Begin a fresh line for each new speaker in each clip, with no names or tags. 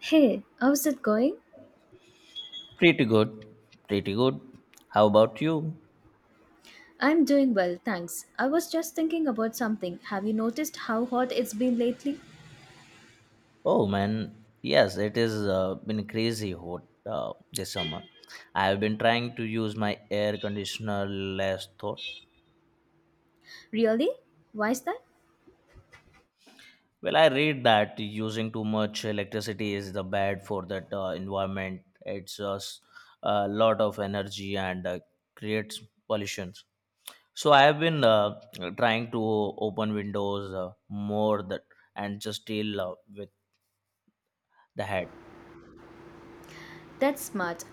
Hey, how's it going?
Pretty good. Pretty good. How about you?
I'm doing well, thanks. I was just thinking about something. Have you noticed how hot it's been lately?
Oh man, yes, it is been crazy hot this summer. I have been trying to use my air conditioner less thought.
Really? Why's that?
Well, I read that using too much electricity is the bad for that environment. It's us a lot of energy and creates pollutions. So I have been trying to open windows more that and just deal with the head.
That's smart.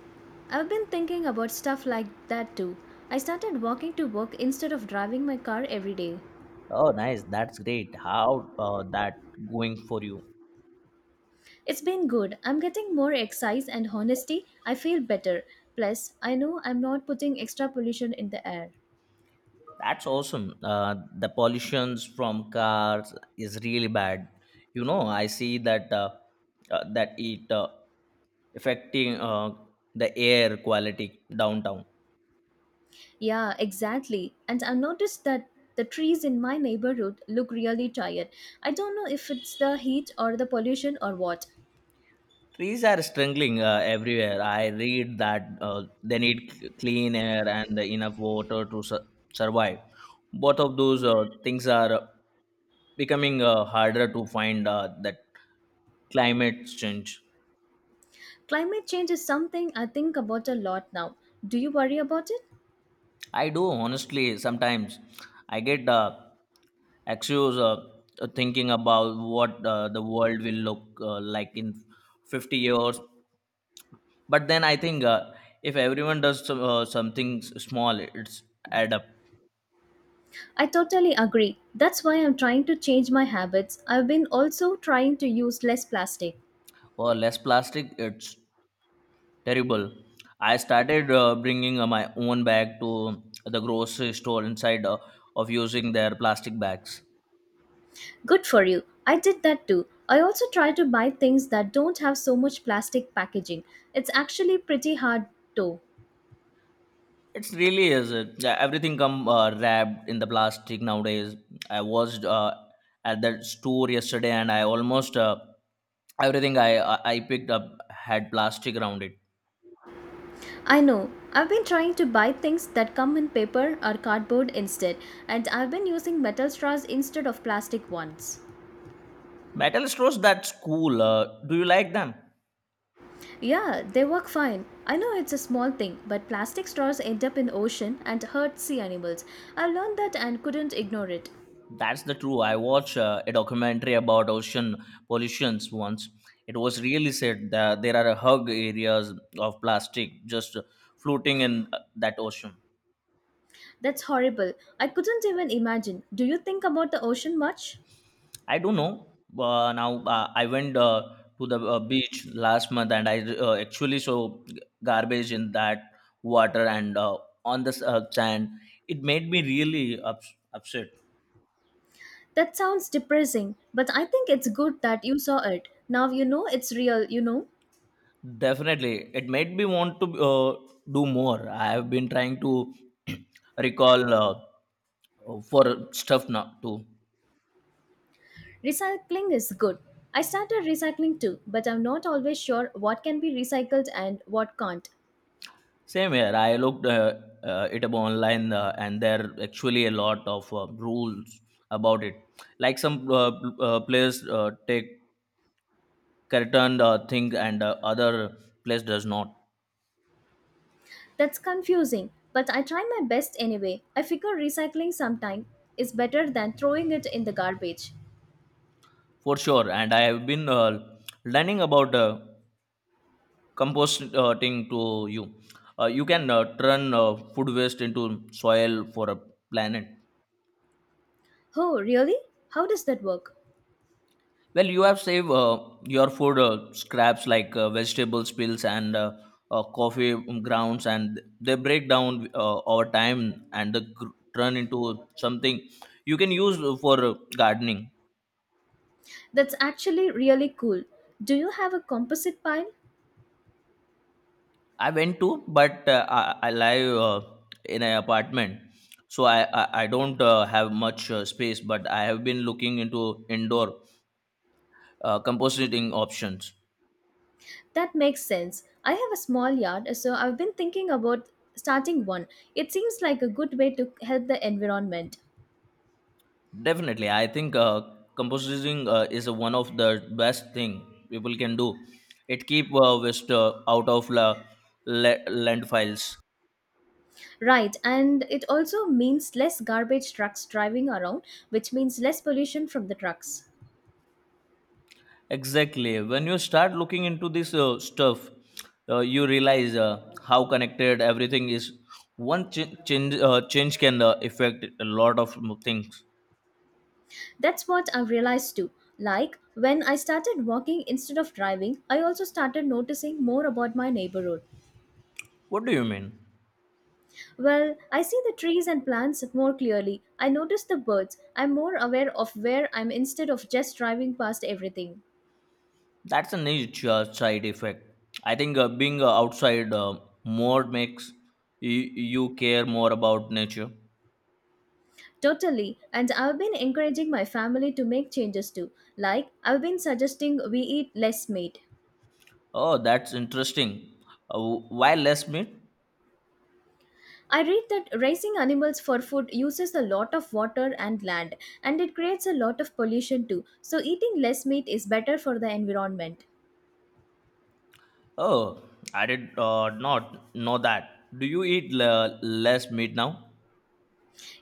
I've been thinking about stuff like that too. I started walking to work instead of driving my car every day.
Oh, nice. That's great. How that going for you?
It's been good. I'm getting more exercise and honesty. I feel better. Plus, I know I'm not putting extra pollution in the air.
That's awesome. The pollutions from cars is really bad. You know, I see that it affecting the air quality downtown.
Yeah, exactly. And I've noticed that the trees in my neighborhood look really tired. I don't know if it's the heat or the pollution or what.
Trees are struggling everywhere. I read that they need clean air and enough water to survive. Both of those things are becoming harder to find that climate change.
Climate change is something I think about a lot now. Do you worry about it?
I do honestly sometimes. I get anxious thinking about what the world will look like in 50 years. But then I think if everyone does something small, it's add up.
I totally agree. That's why I'm trying to change my habits. I've been also trying to use less plastic.
For less plastic it's terrible. I started bringing my own bag to the grocery store inside of using their plastic bags.
Good for you. I did that too. I also try to buy things that don't have so much plastic packaging. It's actually pretty hard though.
It really is it, yeah, everything come wrapped in the plastic nowadays. I was at that store yesterday and I almost everything I picked up had plastic around it.
I know. I've been trying to buy things that come in paper or cardboard instead, and I've been using metal straws instead of plastic ones.
Metal straws, that's cool, do you like them?
Yeah, they work fine. I know it's a small thing, but plastic straws end up in ocean and hurt sea animals. I learned that and couldn't ignore it.
That's the true. I watched a documentary about ocean pollutions once. It was really said that there are hug areas of plastic just floating in that ocean.
That's horrible. I couldn't even imagine. Do you think about the ocean much?
I don't know. Now I went to the beach last month and I actually saw garbage in that water and on the sand. It made me really upset.
That sounds depressing, but I think it's good that you saw it. Now you know it's real, you know?
Definitely, it made me want to do more. I have been trying to recall for stuff now too.
Recycling is good. I started recycling too, but I'm not always sure what can be recycled and what can't.
Same here. I looked it up online, and there are actually a lot of rules about it. Like some players take certain thing, and other place does not.
That's confusing, but I try my best anyway. I figure recycling sometime is better than throwing it in the garbage.
For sure. And I have been learning about. Composting to you, you can turn food waste into soil for a planet.
Oh, really? How does that work?
Well, you have saved your food scraps like vegetable spills and coffee grounds and they break down over time and they turn into something you can use for gardening.
That's actually really cool. Do you have a composite pile?
I went to, but I live in an apartment, so I don't have much space, but I have been looking into indoor compositing options.
That makes sense. I have a small yard, so I've been thinking about starting one. It seems like a good way to help the environment.
Definitely, I think compositing is one of the best thing people can do. It keep waste out of landfills.
Right, and it also means less garbage trucks driving around, which means less pollution from the trucks.
Exactly. When you start looking into this stuff, you realize how connected everything is. One change can affect a lot of things.
That's what I've realized too. Like, when I started walking instead of driving, I also started noticing more about my neighborhood.
What do you mean?
Well, I see the trees and plants more clearly. I notice the birds. I'm more aware of where I'm instead of just driving past everything.
That's a niche side effect. I think being outside more makes you care more about nature.
Totally, and I've been encouraging my family to make changes too. Like, I've been suggesting we eat less meat.
Oh, that's interesting. Why less meat?
I read that raising animals for food uses a lot of water and land, and it creates a lot of pollution too. So, eating less meat is better for the environment.
Oh, I did not know that. Do you eat less meat now?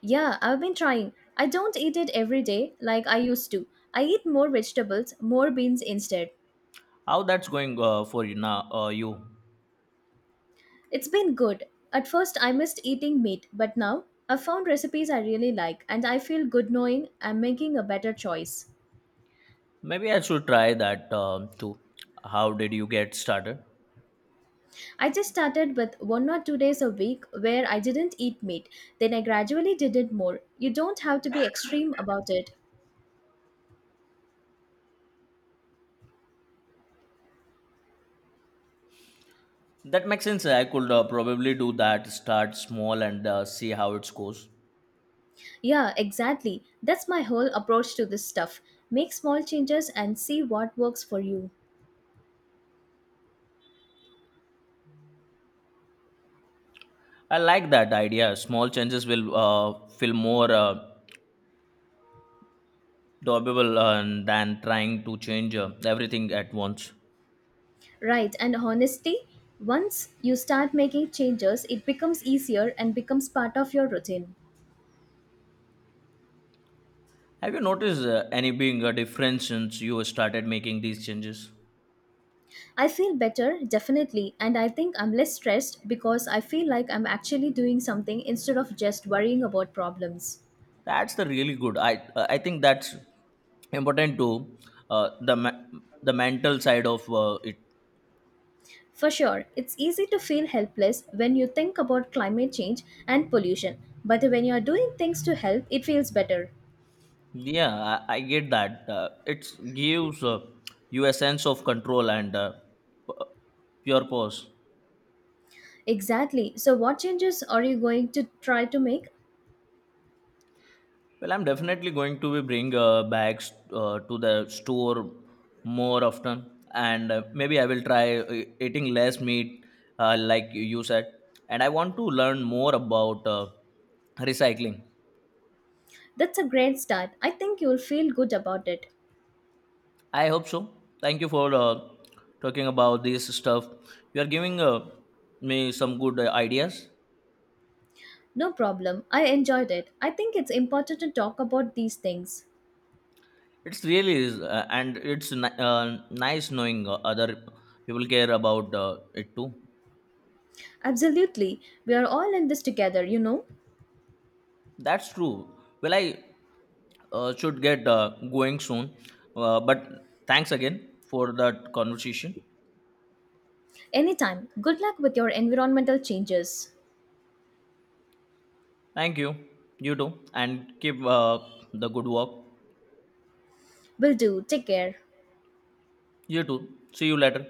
Yeah, I've been trying. I don't eat it every day like I used to. I eat more vegetables, more beans instead.
How that's going for you now? You
It's been good. At first, I missed eating meat, but now I've found recipes I really like, and I feel good knowing I'm making a better choice.
maybe I should try that too. How did you get started?
I just started with 1 or 2 days a week where I didn't eat meat. Then I gradually did it more. You don't have to be extreme about it.
That makes sense. I could probably do that. Start small and see how it goes.
Yeah, exactly. That's my whole approach to this stuff. Make small changes and see what works for you.
I like that idea. Small changes will feel more doable than trying to change everything at once.
Right, and honestly, once you start making changes, it becomes easier and becomes part of your routine.
Have you noticed any being a difference since you started making these changes?
I feel better, definitely, and I think I'm less stressed because I feel like I'm actually doing something instead of just worrying about problems.
That's the really good. I think that's important to uh, the ma- the mental side of it.
For sure, it's easy to feel helpless when you think about climate change and pollution, but when you are doing things to help, it feels better.
Yeah, I get that. It gives you a sense of control and p- pure pause.
Exactly. So, what changes are you going to try to make?
Well, I'm definitely going to be bring bags to the store more often, and maybe I will try eating less meat, like you said. And I want to learn more about recycling.
That's a great start. I think you'll feel good about it.
I hope so. Thank you for talking about this stuff. You are giving me some good ideas.
No problem. I enjoyed it. I think it's important to talk about these things.
It's really is, and it's nice knowing other people care about it too.
Absolutely. We are all in this together, you know.
That's true. Well, I should get going soon. But thanks again for that conversation.
Anytime. Good luck with your environmental changes.
Thank you. You too. And keep the good work.
Will do. Take care.
You too. See you later.